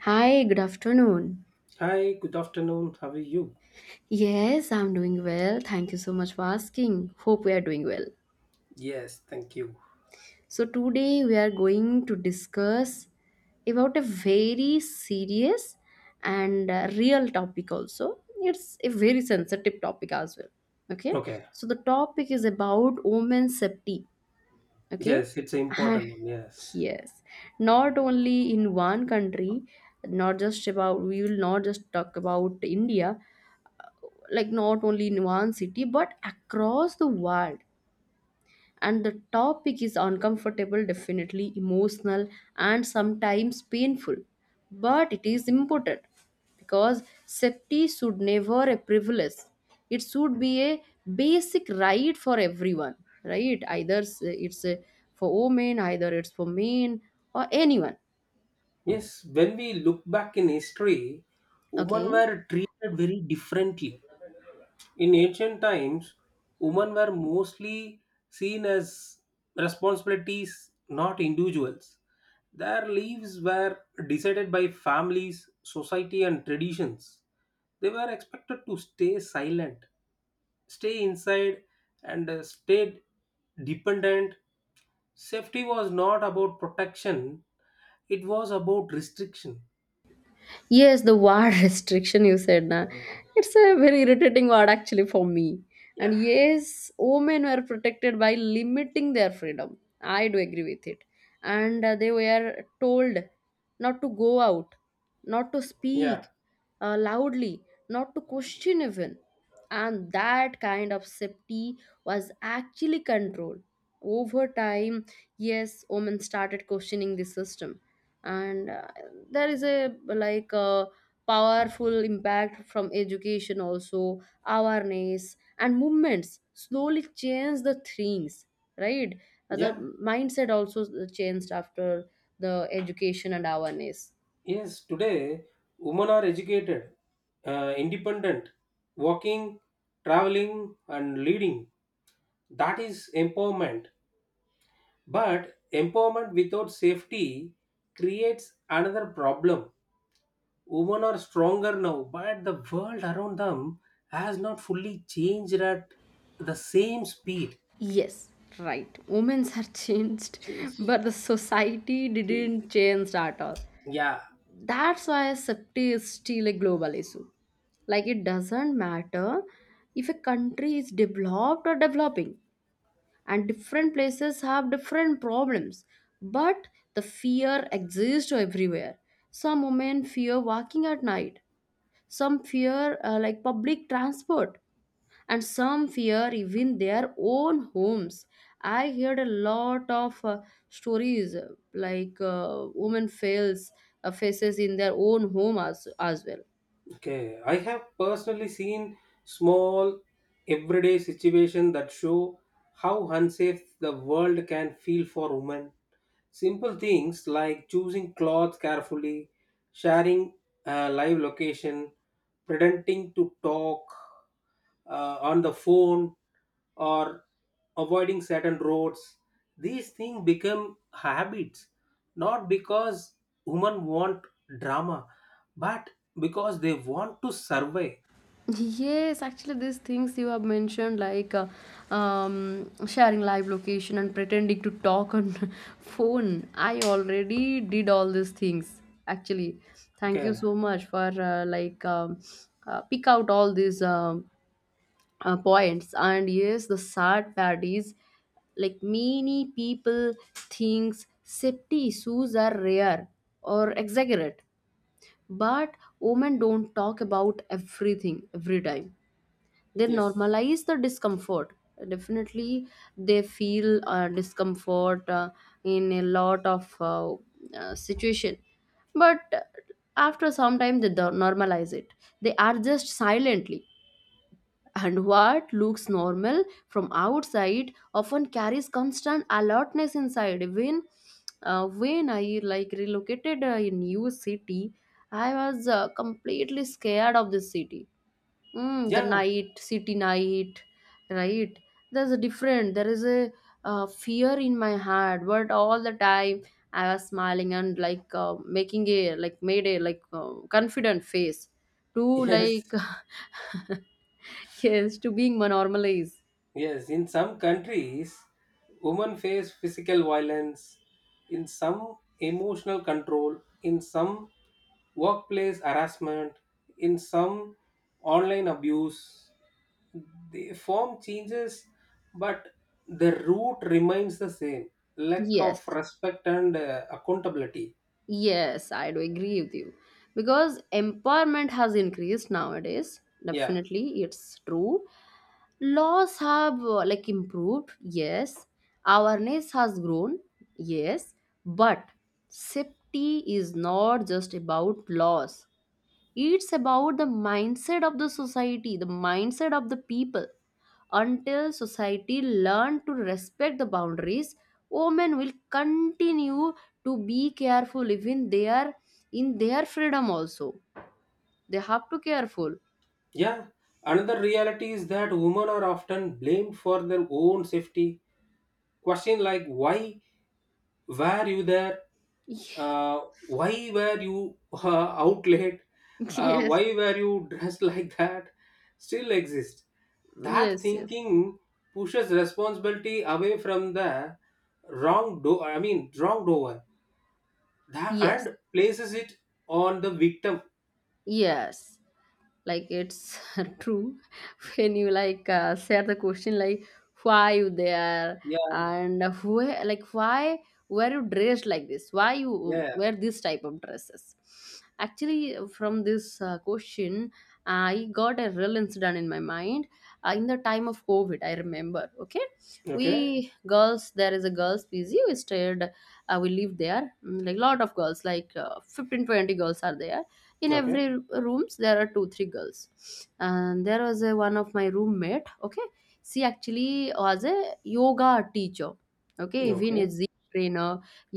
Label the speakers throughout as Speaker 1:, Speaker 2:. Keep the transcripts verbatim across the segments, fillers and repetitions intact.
Speaker 1: Hi, good afternoon.
Speaker 2: Hi, good afternoon. How are you?
Speaker 1: Yes, I'm doing well. Thank you so much for asking. Hope we are doing well.
Speaker 2: Yes, thank you.
Speaker 1: So, today we are going to discuss about a very serious and uh, real topic, also. It's a very sensitive topic as well. Okay,
Speaker 2: Okay.
Speaker 1: so the topic is about women's safety. Okay,
Speaker 2: Yes, it's an important one. Yes.
Speaker 1: yes, not only in one country, not just about we will not just talk about India, like not only in one city but across the world. And the topic is uncomfortable, definitely emotional, and sometimes painful, but it is important because safety should never a privilege. It should be a basic right for everyone, right? Either s- it's a, for women, either it's for men or anyone.
Speaker 2: Yes, when we look back in history, women
Speaker 1: Okay.
Speaker 2: were treated very differently. In ancient times, women were mostly seen as responsibilities, not individuals. Their lives were decided by families, society, and traditions. They were expected to stay silent, stay inside, and uh, stay dependent. Safety was not about protection, it was about restriction.
Speaker 1: Yes, the word restriction you said, na. It's a very irritating word actually for me.
Speaker 2: Yeah.
Speaker 1: And yes, women were protected by limiting their freedom. I do agree with it. And uh, they were told not to go out, not to
Speaker 2: Yeah,
Speaker 1: speak uh, loudly, not to question even. And that kind of safety was actually control. Over time, yes, women started questioning the system. And uh, there is a, like, a powerful impact from education also. Awareness and movements slowly change the things, right? Uh, the
Speaker 2: yeah.
Speaker 1: mindset also changed after the education and awareness.
Speaker 2: Yes, today women are educated, uh, independent, working, traveling, and leading. That is empowerment. But empowerment without safety creates another problem. Women are stronger now, but the world around them has not fully changed at the same speed.
Speaker 1: Yes, right, women's are changed,
Speaker 2: Change.
Speaker 1: but the society didn't
Speaker 2: See,
Speaker 1: change at all.
Speaker 2: yeah.
Speaker 1: That's why safety is still a global issue. Like, it doesn't matter if a country is developed or developing, and different places have different problems, but the fear exists everywhere. Some women fear walking at night, some fear uh, like public transport, and some fear even their own homes. I heard a lot of uh, stories, uh, like uh, women fails, uh, faces in their own home as, as well.
Speaker 2: Okay, I have personally seen small everyday situations that show how unsafe the world can feel for women. Simple things like choosing clothes carefully, sharing uh, live location, pretending to talk uh, on the phone, or avoiding certain roads. These things become habits, not because women want drama, but because they want to survive.
Speaker 1: Yes, actually, these things you have mentioned, like uh, um, sharing live location and pretending to talk on phone. I already did all these things. Actually, thank you
Speaker 2: Okay.
Speaker 1: so much for uh, like um, uh, pick out all these um uh, points. And yes, the sad part is, like, many people thinks safety shoes are rare or exaggerate, but women don't talk about everything every time. They
Speaker 2: Yes.
Speaker 1: normalize the discomfort. Definitely, they feel uh, discomfort uh, in a lot of uh, uh, situation. But uh, after some time they do- normalize it. They are just silently, and what looks normal from outside often carries constant alertness inside. Even uh, when I, like, relocated uh, a new city, I was uh, completely scared of this city. Mm, the
Speaker 2: Yeah.
Speaker 1: night, city night, right? There's a different, there is a uh, fear in my heart, but all the time I was smiling and, like, uh, making a, like, made a, like, uh, confident face to like
Speaker 2: Yes.
Speaker 1: yes, to being normalized.
Speaker 2: Yes, in some countries, women face physical violence, in some emotional control, in some workplace harassment, in some online abuse. The form changes, but the root remains the same, lack
Speaker 1: Yes,
Speaker 2: of respect and uh, accountability.
Speaker 1: yes, I do agree with you. Because empowerment has increased nowadays.
Speaker 2: Yeah.
Speaker 1: Definitely, it's true. Laws have uh, like improved. Yes. Awareness has grown. Yes. But safety is not just about laws. It's about the mindset of the society, the mindset of the people. Until society learn to respect the boundaries, women will continue to be careful even they are in their freedom also. They have to careful.
Speaker 2: Yeah. Another reality is that women are often blamed for their own safety. Question like why were you there,
Speaker 1: yes,
Speaker 2: uh, why were you uh, out late, uh, why were you dressed like that still exist. That
Speaker 1: yes, yes.
Speaker 2: thinking pushes responsibility away from the wrong do I mean wrongdoer, that,
Speaker 1: Yes.
Speaker 2: and places it on the victim.
Speaker 1: Yes. Like it's true, when you, like, uh, share the question, like, why you there,
Speaker 2: Yeah.
Speaker 1: and where, like, why were you dressed like this, why you
Speaker 2: Yeah.
Speaker 1: wear this type of dresses. Actually, from this uh, question, I got a real incident in my mind. Uh, in the time of COVID, I remember. Okay. We
Speaker 2: Okay.
Speaker 1: girls, there is a girls p g we stayed, uh, we lived there. Mm, like, lot of girls, like, uh, fifteen twenty girls are there. In
Speaker 2: Okay.
Speaker 1: every r- rooms there are two three girls. And there was a, one of my roommate. Okay. She actually was a yoga teacher. Okay, even a a
Speaker 2: Okay.
Speaker 1: Z trainer,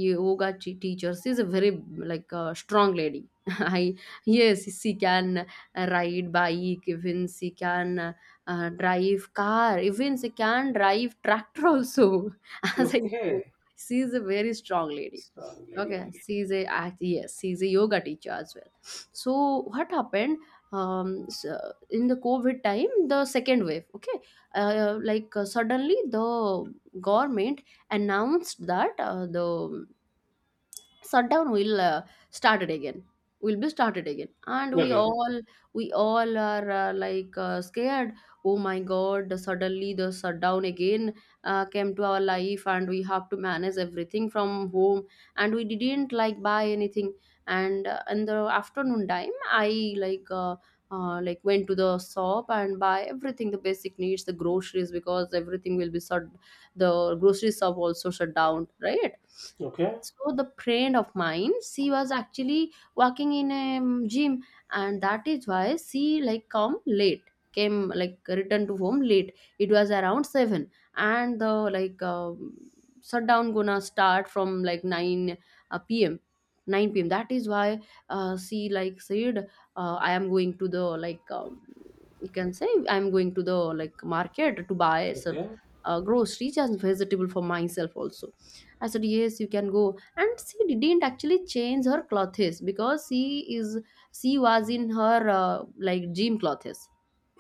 Speaker 1: yoga t- teacher. She's a very, like, uh, strong lady. I, yes, she can ride bike, even she can uh, drive car, even she can drive tractor also. As I know,
Speaker 2: Okay.
Speaker 1: she's a very strong lady.
Speaker 2: Strong lady
Speaker 1: Okay,
Speaker 2: only.
Speaker 1: she is a act- yes, she is a yoga teacher as well. So what happened? Um, s- uh, in the COVID time, the second wave, okay, uh, like, uh, suddenly the government announced that uh, the shutdown will uh, started again, will be started again, and we
Speaker 2: Okay.
Speaker 1: all, we all are, uh, like, uh, scared. Oh my god, suddenly the shutdown again uh, came to our life, and we have to manage everything from home, and we didn't like buy anything. And uh, in the afternoon time I, like, uh, uh, like went to the shop and buy everything, the basic needs, the groceries, because everything will be shut. The grocery shop also shut down, right?
Speaker 2: Okay.
Speaker 1: So the friend of mine, she was actually working in a um, gym, and that is why she, like, come late, came, like, returned to home late. It was around seven, and the, like, um shutdown gonna start from like nine, uh, pm, nine p m. That is why uh, she, like, said, uh, I am going to the, like, um, you can say I'm going to the, like, market to buy some
Speaker 2: Okay.
Speaker 1: uh, groceries and vegetable for myself also. I said yes, you can go, and she didn't actually change her clothes, because she is, she was in her uh, like gym clothes.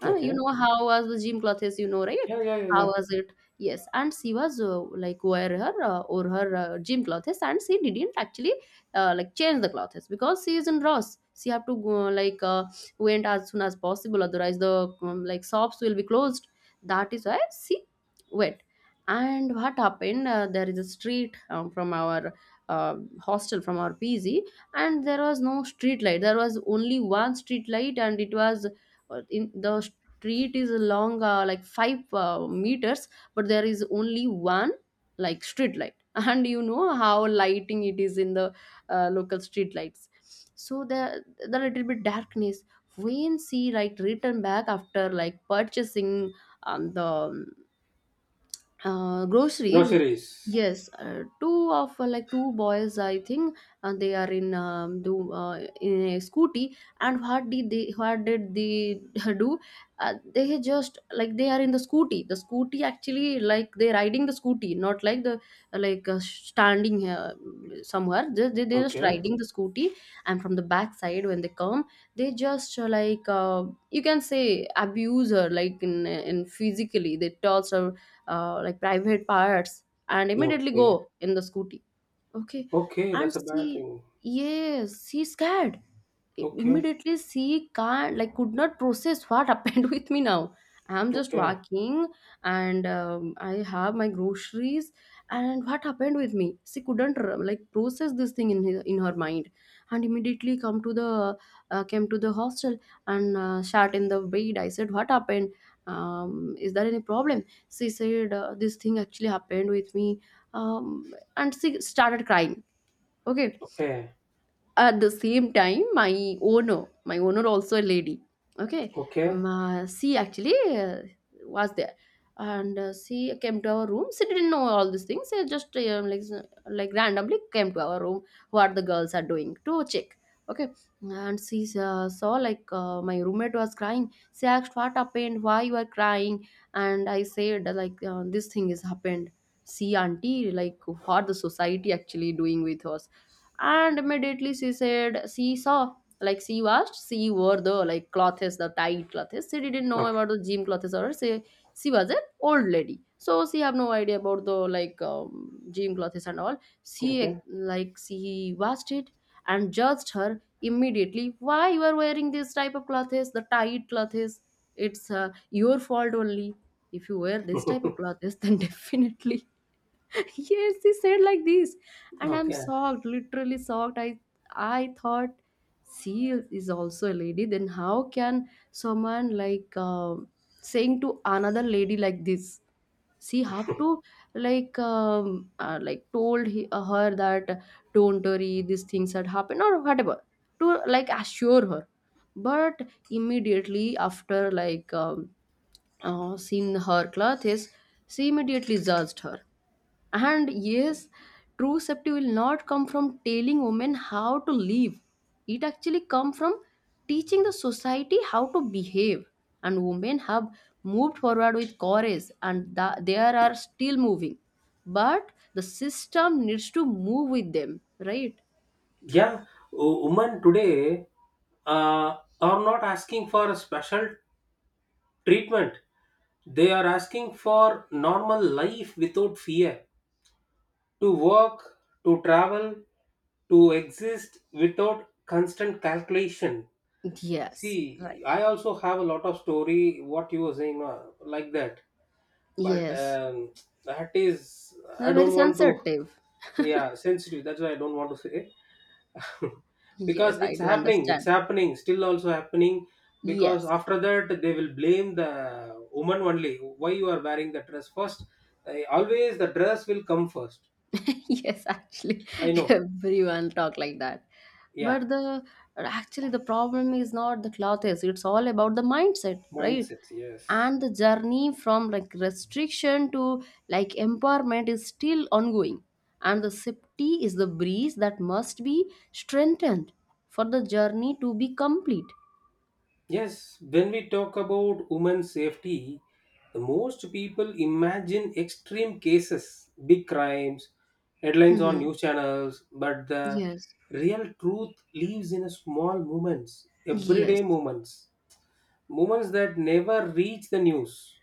Speaker 1: uh, You
Speaker 2: Okay.
Speaker 1: know how was the gym clothes, you know, right?
Speaker 2: Yeah, yeah, yeah,
Speaker 1: How
Speaker 2: yeah.
Speaker 1: was it? Yes, and she was uh, like wear her uh, or her uh, gym clothes, and she didn't actually uh, like change the clothes because she is in rush. She have to go, like, uh, went as soon as possible, otherwise the um, like shops will be closed. That is why she went. And what happened? Uh, there is a street um, from our uh, hostel, from our p g. And there was no street light, there was only one street light, and it was uh, in the, street is long, uh, like five uh, meters, but there is only one, like, street light and you know how lighting it is in the uh, local street lights. So the the little bit darkness, when she, like, return back after like purchasing um, the um, uh, groceries.
Speaker 2: Groceries.
Speaker 1: Yes, uh, two of, uh, like, two boys, I think, and they are in um, do uh, in a scooty, and what did they what did they do? Uh, they just, like, they are in the scooty, the scooty actually, like, they're riding the scooty, not, like, the, like, uh, standing uh, somewhere. they, they, they're just
Speaker 2: Okay.
Speaker 1: riding the scooty. And from the back side when they come, they just, uh, like uh, you can say abuse her, like, in, in physically they toss her uh, like private parts, and immediately
Speaker 2: Okay.
Speaker 1: go in the scooty. Okay.
Speaker 2: Okay,
Speaker 1: And
Speaker 2: that's a bad
Speaker 1: she,
Speaker 2: thing.
Speaker 1: yes, she's scared. I-
Speaker 2: Okay.
Speaker 1: Immediately she can't, like, could not process what happened with me now. I'm just
Speaker 2: Okay.
Speaker 1: walking, and um, I have my groceries. And what happened with me? She couldn't r- like process this thing in her, in her mind, and immediately come to the uh, came to the hostel, and uh, sat in the bed. I said, "What happened? Um, is there any problem?" She said, uh, "This thing actually happened with me." um and she started crying. Okay.
Speaker 2: Okay.
Speaker 1: At the same time my owner, my owner also a lady. Okay. Um,
Speaker 2: Okay.
Speaker 1: uh, she actually uh, was there, and uh, she came to our room. She didn't know all these things. She just, um, like like randomly came to our room, what the girls are doing, to check. Okay. And she uh, saw, like, uh, my roommate was crying. She asked, "What happened? Why you are crying?" And I said, like, uh, this thing is happened. See, auntie, like, what the society actually doing with us. And immediately she said, she saw, like, she washed, she wore the, like, clothes, the tight clothes. She didn't know
Speaker 2: Okay.
Speaker 1: about the gym clothes, or she, she was an old lady, so she have no idea about the, like, um, gym clothes and all. She,
Speaker 2: Okay.
Speaker 1: like, she washed it and judged her immediately, why you are wearing this type of clothes, the tight clothes. It's uh, your fault only. If you wear this type of clothes, then definitely yes, he said like this. And I'm
Speaker 2: Okay.
Speaker 1: shocked, literally shocked. I i thought she is also a lady, then how can someone, like, um saying to another lady like this. She have to, like, um, uh, like told he, uh, her that don't worry these things had happened or whatever, to like assure her, but immediately after, like, um, uh, seeing her clothes, she immediately judged her. And yes, true safety will not come from telling women how to live. It actually comes from teaching the society how to behave. And women have moved forward with courage and th- they are still moving. But the system needs to move with them, right?
Speaker 2: Yeah, wo- women today uh, are not asking for a special treatment. They are asking for normal life without fear. To work, to travel, to exist without constant calculation.
Speaker 1: Yes,
Speaker 2: See,
Speaker 1: right.
Speaker 2: I also have a lot of story what you were saying, uh, like that. But
Speaker 1: Yes.
Speaker 2: um, that is, I
Speaker 1: They're very
Speaker 2: don't want to.
Speaker 1: sensitive.
Speaker 2: Yeah, sensitive, that's why I don't want to say,
Speaker 1: Yes,
Speaker 2: because
Speaker 1: I
Speaker 2: it's
Speaker 1: do
Speaker 2: happening,
Speaker 1: understand.
Speaker 2: it's happening, still also happening. Because
Speaker 1: Yes.
Speaker 2: after that they will blame the woman only. Why you are wearing the dress first? Uh, always the dress will come first.
Speaker 1: Yes, actually,
Speaker 2: I know.
Speaker 1: everyone talk like that
Speaker 2: Yeah.
Speaker 1: but the actually the problem is not the cloth is it's all about the mindset, right?
Speaker 2: Mindset. Yes.
Speaker 1: And the journey from like restriction to like empowerment is still ongoing, and the safety is the breeze that must be strengthened for the journey to be complete.
Speaker 2: Yes, when we talk about women's safety, the most people imagine extreme cases, big crimes, headlines on
Speaker 1: hmm
Speaker 2: news channels, but the
Speaker 1: yes.
Speaker 2: real truth lives in a small moments,
Speaker 1: Yes.
Speaker 2: everyday moments, moments that never reach the news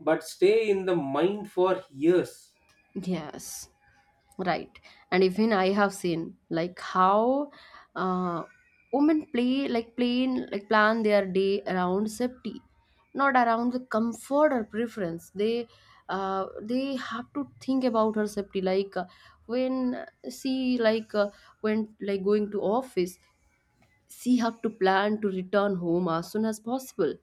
Speaker 2: but stay in the mind for years.
Speaker 1: Yes. Right. And even I have seen like how uh, women play like plain like plan their day around safety, not around the comfort or preference. They uh, they have to think about her safety. Like uh, when she like uh, when like going to office, she have to plan to return home as soon as possible,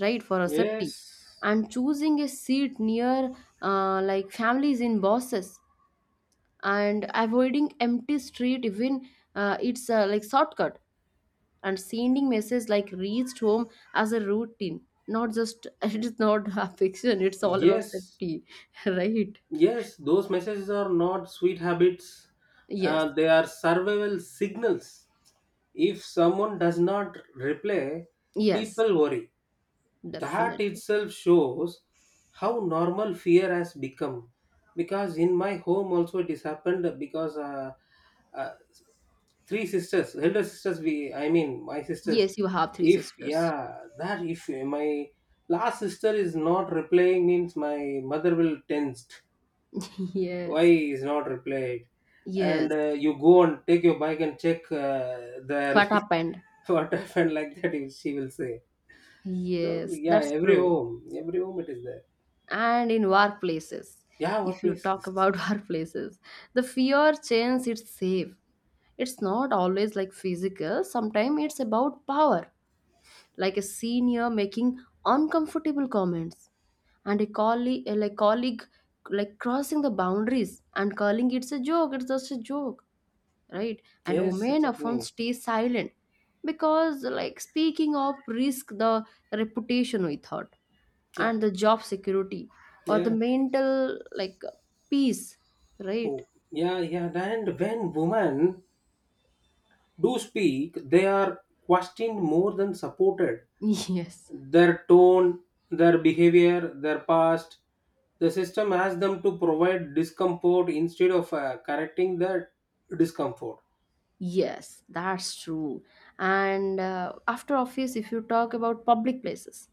Speaker 1: right? For her safety,
Speaker 2: Yes.
Speaker 1: and choosing a seat near uh, like families in bosses, and avoiding empty street even uh, it's uh, like shortcut, and sending message like reached home as a routine, not just it is not a fiction, it's all about
Speaker 2: Yes,
Speaker 1: safety. Right.
Speaker 2: yes, those messages are not sweet habits,
Speaker 1: Yes.
Speaker 2: uh, they are survival signals. If someone does not reply,
Speaker 1: Yes,
Speaker 2: people worry. That
Speaker 1: definitely.
Speaker 2: itself shows how normal fear has become. Because in my home also it has happened, because uh, uh, three sisters, elder sisters, we I mean my sisters,
Speaker 1: Yes, you have three
Speaker 2: if
Speaker 1: sisters.
Speaker 2: yeah, that if my last sister is not replying means my mother will tensed. Why
Speaker 1: Yes.
Speaker 2: is not replied? And
Speaker 1: Yes,
Speaker 2: uh, you go and take your bike and check, uh,
Speaker 1: what
Speaker 2: the
Speaker 1: happened.
Speaker 2: what happened, like that you- she will say. So
Speaker 1: Yes,
Speaker 2: yeah,
Speaker 1: that's
Speaker 2: every
Speaker 1: true.
Speaker 2: home, every home it is there.
Speaker 1: And in workplaces,
Speaker 2: Yeah,
Speaker 1: if you
Speaker 2: workplace
Speaker 1: talk
Speaker 2: is.
Speaker 1: about workplaces, the fear change it's safe. It's not always like physical, sometimes it's about power, like a senior making uncomfortable comments and a colleague like colleague like crossing the boundaries and calling it's a joke, it's just a joke, right? And
Speaker 2: Yes, it's
Speaker 1: women often
Speaker 2: happening.
Speaker 1: stay silent because like speaking up risk the reputation we thought,
Speaker 2: Yeah.
Speaker 1: and the job security, or the
Speaker 2: Yeah.
Speaker 1: mental like peace, right?
Speaker 2: Oh, yeah, yeah. And when women do speak, they are questioned more than supported.
Speaker 1: Yes.
Speaker 2: Their tone, their behavior, their past, the system asks them to provide discomfort instead of uh, correcting that discomfort.
Speaker 1: Yes, that's true. And uh, after office, if you talk about public places,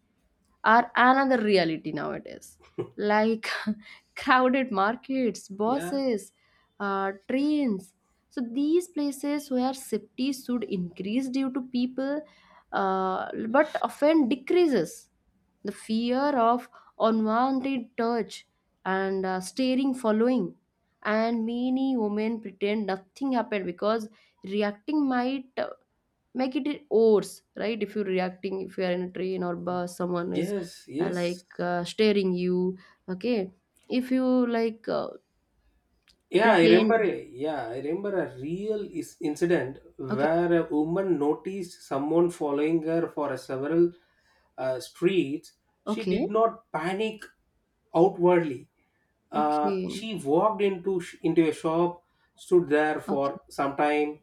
Speaker 1: are another reality nowadays. Like crowded markets,
Speaker 2: Yeah.
Speaker 1: bosses, uh, trains. So these places where safety should increase due to people, uh, but often decreases. The fear of unwanted touch and uh, staring following. And many women pretend nothing happened because reacting might make it in, right? If you're reacting, if you are in a train or bus, someone is
Speaker 2: Yes,
Speaker 1: uh, like
Speaker 2: yes.
Speaker 1: uh, staring you, okay, if you like uh,
Speaker 2: Yeah, I
Speaker 1: pretend.
Speaker 2: remember. Yeah, I remember a real is incident
Speaker 1: Okay.
Speaker 2: where a woman noticed someone following her for a several uh, streets. She did
Speaker 1: Okay.
Speaker 2: not panic outwardly. Uh,
Speaker 1: Okay.
Speaker 2: she walked into sh- into a shop, stood there
Speaker 1: Okay.
Speaker 2: for some time,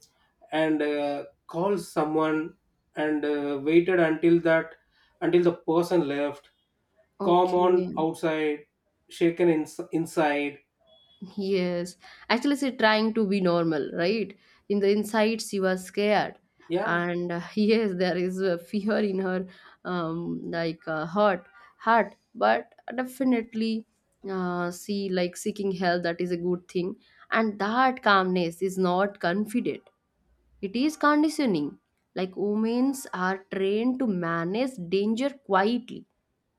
Speaker 2: and uh, called someone and uh, waited until that until the person left. Calm on
Speaker 1: Okay.
Speaker 2: outside, shaken in- inside.
Speaker 1: Yes, actually, say trying to be normal, right? In the inside, she was scared,
Speaker 2: Yeah.
Speaker 1: and uh, yes, there is a fear in her, um, like uh, heart, heart. But definitely, uh, she like seeking help. That is a good thing, and that calmness is not confident. It is conditioning. Like women's are trained to manage danger quietly,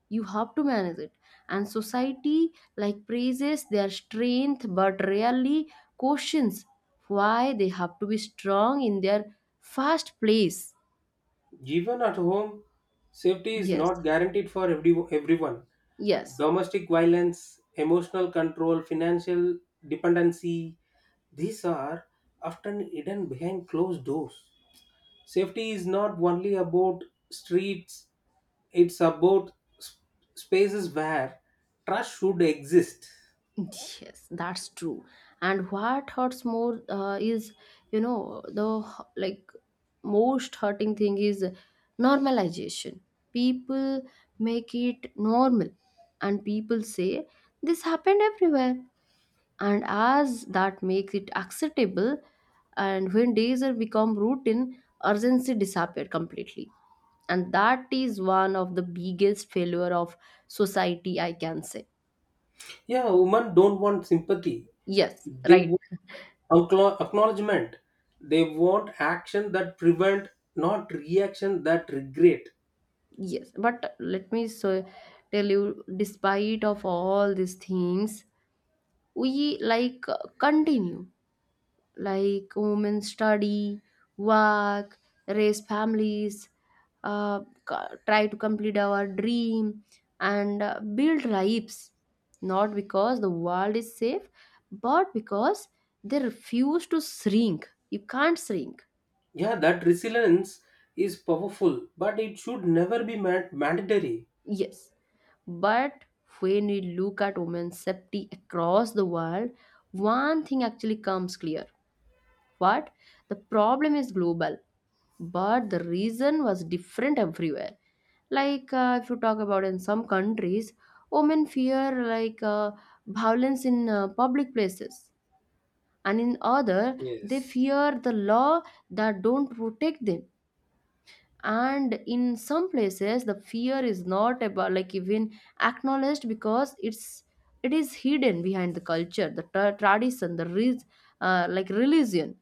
Speaker 1: you have to manage it, and society like praises their strength but rarely questions why they have to be strong in their first place.
Speaker 2: Even at home, safety is
Speaker 1: Yes.
Speaker 2: not guaranteed for every, everyone.
Speaker 1: Yes.
Speaker 2: Domestic violence, emotional control, financial dependency, these are often hidden behind closed doors. Safety is not only about streets, it's about sp- spaces where trust should exist.
Speaker 1: Yes, that's true. And what hurts more uh, is you know the h- like most hurting thing is normalization. People make it normal, and people say this happened everywhere, and as that makes it acceptable. And when days are become routine, urgency disappear completely, and that is one of the biggest failure of society, I can say.
Speaker 2: Yeah, women don't want sympathy.
Speaker 1: Yes,
Speaker 2: They
Speaker 1: right.
Speaker 2: want acknow- acknowledgement. They want action that prevent, not reaction that regret.
Speaker 1: Yes, but let me so tell you, despite of all these things, we like continue, like women study, work, raise families, uh, co- try to complete our dream and uh, build lives. Not because the world is safe, but because they refuse to shrink. You can't shrink.
Speaker 2: Yeah, that resilience is powerful, but it should never be man- mandatory.
Speaker 1: Yes. But when we look at women's safety across the world, one thing actually comes clear. What? The problem is global, but the reason was different everywhere. Like uh, if you talk about in some countries, women fear like uh, violence in uh, public places, and in other they
Speaker 2: Yes.
Speaker 1: fear the law that don't protect them. And in some places, the fear is not about like even acknowledged because it's it is hidden behind the culture, the tra- tradition, the re- uh, like religion.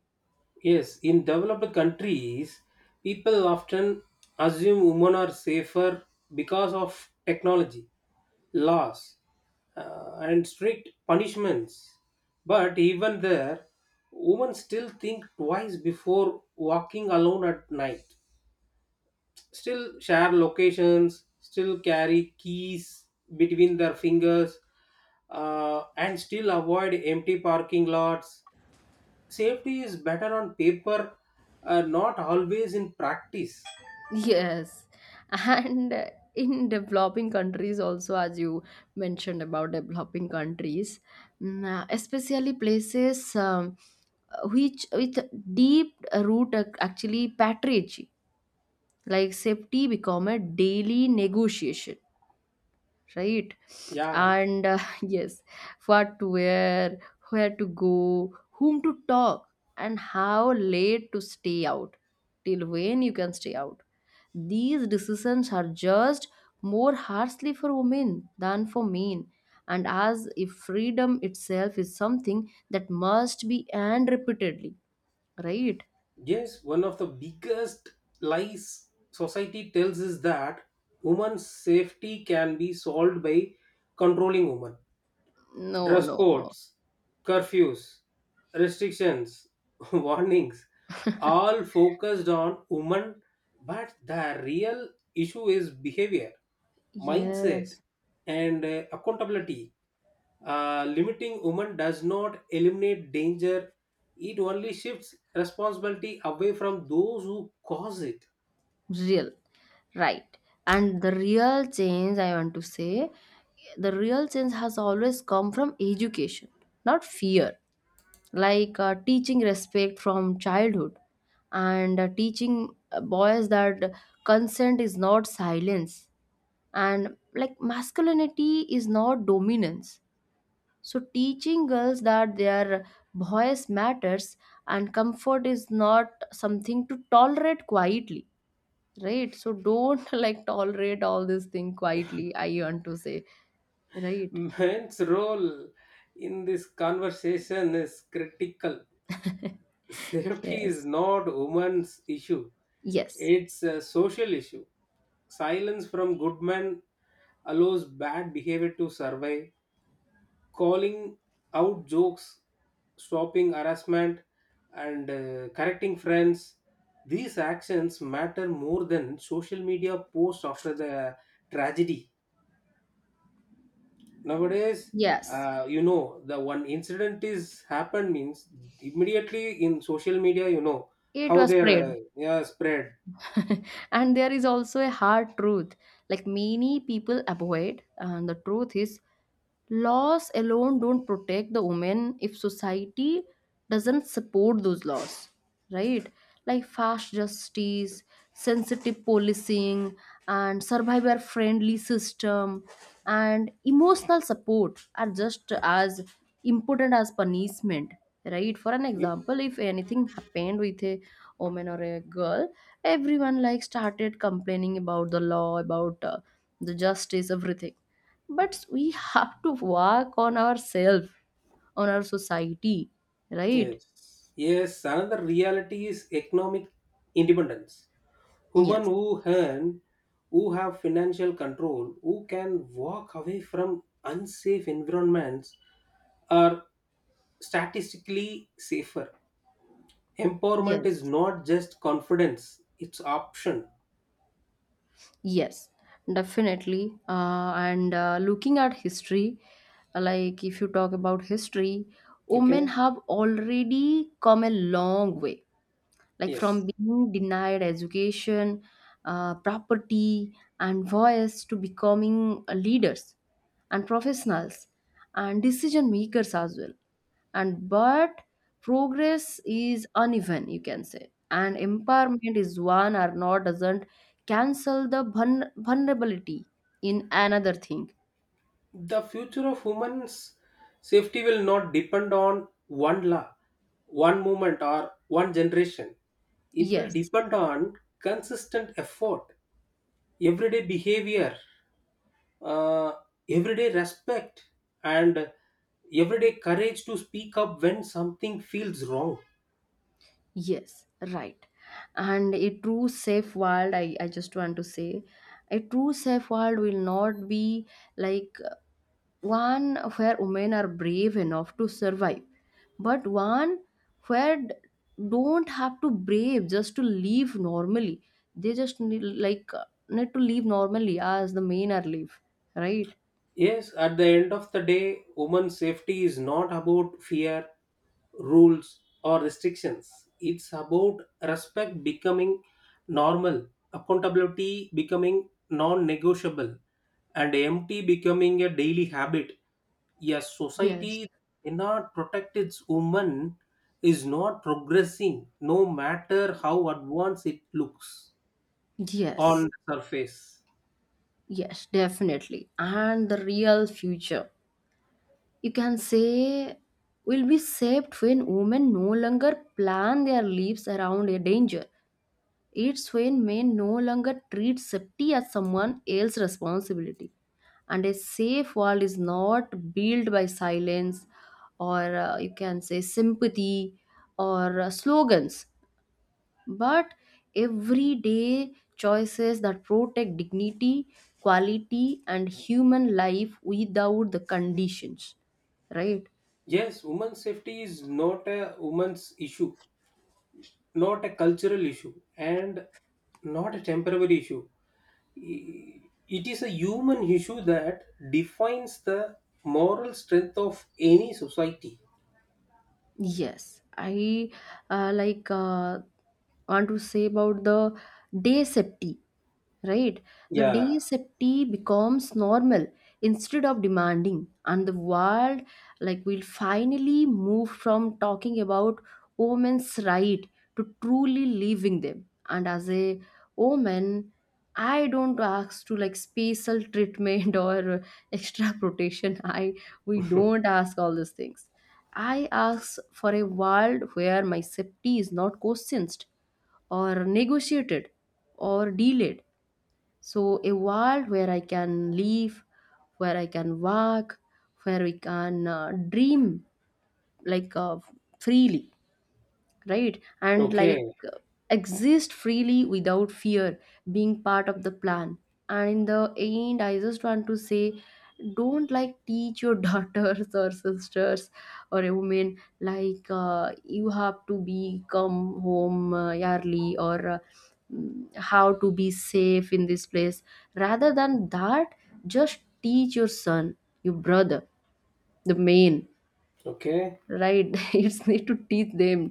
Speaker 2: Yes, in developed countries, people often assume women are safer because of technology, laws, uh, and strict punishments. But even there, women still think twice before walking alone at night. Still share locations, still carry keys between their fingers, uh, and still avoid empty parking lots. Safety is better on paper, uh, not always in practice.
Speaker 1: Yes, and uh, in developing countries also, as you mentioned about developing countries, mm, uh, especially places um, which with deep root ac- actually patronage, like safety become a daily negotiation, right?
Speaker 2: Yeah,
Speaker 1: And uh, yes, what to wear, where to go, whom to talk, and how late to stay out, till when you can stay out. These decisions are judged more harshly for women than for men, and as if freedom itself is something that must be earned repeatedly, right?
Speaker 2: yes, one of the biggest lies society tells is that women's safety can be solved by controlling women.
Speaker 1: No,
Speaker 2: Dress
Speaker 1: no, no.
Speaker 2: codes, curfews, restrictions, warnings, all focused on women, but the real issue is behavior, mindset,
Speaker 1: Yes,
Speaker 2: and uh, accountability. Uh, limiting women does not eliminate danger, it only shifts responsibility away from those who cause it.
Speaker 1: real. Right. And the real change, I want to say, the real change has always come from education, not fear. Like uh, teaching respect from childhood and uh, teaching uh, boys that consent is not silence and like masculinity is not dominance. So teaching girls that their voice matters and comfort is not something to tolerate quietly, right? So don't like tolerate all this thing quietly, I want to say, right?
Speaker 2: Men's role in this conversation is critical. Safety is
Speaker 1: Yes.
Speaker 2: not women's issue,
Speaker 1: Yes.
Speaker 2: it's a social issue. Silence from good men allows bad behavior to survive. Calling out jokes, stopping harassment, and uh, correcting friends. These actions matter more than social media posts after the tragedy. Nowadays,
Speaker 1: Yes,
Speaker 2: uh, you know, the one incident is happened means immediately in social media, you know
Speaker 1: it
Speaker 2: how
Speaker 1: was
Speaker 2: they're
Speaker 1: spread.
Speaker 2: uh, yeah, spread.
Speaker 1: And there is also a hard truth like many people avoid, and the truth is laws alone don't protect the women if society doesn't support those laws, right? Like fast justice, sensitive policing, and survivor friendly system and emotional support are just as important as punishment, right? For an example, if anything happened with a woman or a girl, everyone like started complaining about the law, about uh, the justice, everything, but we have to work on ourselves, on our society, right?
Speaker 2: Yes, yes. Another reality is economic independence. Women
Speaker 1: Yes.
Speaker 2: who earn, who have financial control, who can walk away from unsafe environments are statistically safer. Empowerment is
Speaker 1: Yes.
Speaker 2: not just confidence, it's option.
Speaker 1: Yes, definitely. Uh, and uh, looking at history, like if you talk about history, women
Speaker 2: Okay?
Speaker 1: have already come a long way, like from
Speaker 2: Yes.
Speaker 1: being denied education, uh, property, and voice to becoming uh, leaders and professionals and decision makers as well. And but progress is uneven, you can say, and empowerment is one or not doesn't cancel the vulner- vulnerability in another thing.
Speaker 2: The future of women's safety will not depend on one law, one movement, or one generation. It will
Speaker 1: Yes.
Speaker 2: depend on consistent effort, everyday behavior, uh, everyday respect, and everyday courage to speak up when something feels wrong.
Speaker 1: Yes, right. And a true safe world, I, I just want to say, a true safe world will not be like uh, one where women are brave enough to survive, but one where d- don't have to brave just to live normally. They just need like uh, need to live normally as the men are live, right?
Speaker 2: Yes, at the end of the day, women's safety is not about fear, rules, or restrictions. It's about respect becoming normal, accountability becoming non negotiable, and empty becoming a daily habit. Yes,
Speaker 1: Yes.
Speaker 2: society cannot protect its women is not progressing, no matter how advanced it looks
Speaker 1: Yes.
Speaker 2: on the surface.
Speaker 1: Yes, definitely. And the real future, you can say, will be saved when women no longer plan their lives around a danger. It's when men no longer treat safety as someone else's responsibility. And a safe world is not built by silence or uh, you can say sympathy or uh, slogans, but everyday choices that protect dignity, quality, and human life without the conditions, right?
Speaker 2: Yes, women's safety is not a woman's issue, not a cultural issue, and not a temporary issue. I- it is a human issue that defines the moral strength of any society.
Speaker 1: Yes, I uh, like uh, want to say about the day safety, right? The
Speaker 2: Yeah.
Speaker 1: day safety becomes normal instead of demanding, and the world like will finally move from talking about women's right to truly living them. And as a woman, I don't ask to like special treatment or extra protection. I we don't ask all these things. I ask for a world where my safety is not questioned or negotiated or delayed. So, a world where I can live, where I can work, where we can uh, dream like uh, freely, right? And
Speaker 2: Okay.
Speaker 1: like exist freely without fear being part of the plan. And in the end, I just want to say, don't like teach your daughters or sisters or a woman like uh, you have to be come home uh, early or uh, mm, how to be safe in this place. Rather than that, just teach your son, your brother, the main,
Speaker 2: Okay.
Speaker 1: right? It's need to teach them,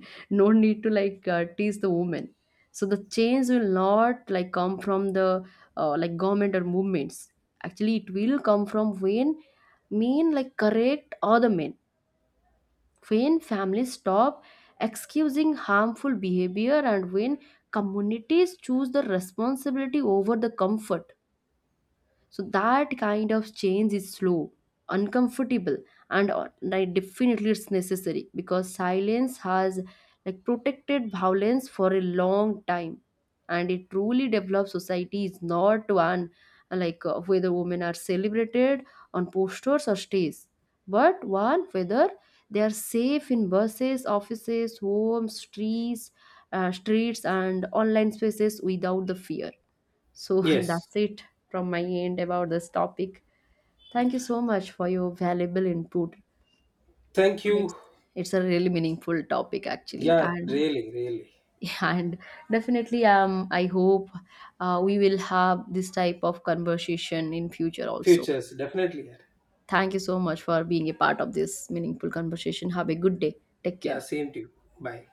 Speaker 1: no need to like uh, teach the women. So the change will not like come from the uh, like government or movements, actually it will come from when mean like correct other men, when families stop excusing harmful behavior, and when communities choose the responsibility over the comfort. So that kind of change is slow, uncomfortable, and uh, like, definitely it's necessary because silence has like protected violence for a long time. And a truly developed society is not one uh, like uh, whether women are celebrated on posters or stage, but one whether they are safe in buses, offices, homes, streets, uh, streets and online spaces without the fear. So
Speaker 2: Yes,
Speaker 1: that's it from my end about this topic. Thank you so much for your valuable input.
Speaker 2: thank
Speaker 1: It's
Speaker 2: you.
Speaker 1: it's a really meaningful topic actually,
Speaker 2: Yeah,
Speaker 1: and
Speaker 2: really, really.
Speaker 1: and definitely um I hope uh, we will have this type of conversation in future also.
Speaker 2: Futures, definitely.
Speaker 1: Thank you so much for being a part of this meaningful conversation. Have a good day. Take care.
Speaker 2: Yeah, same to you. Bye.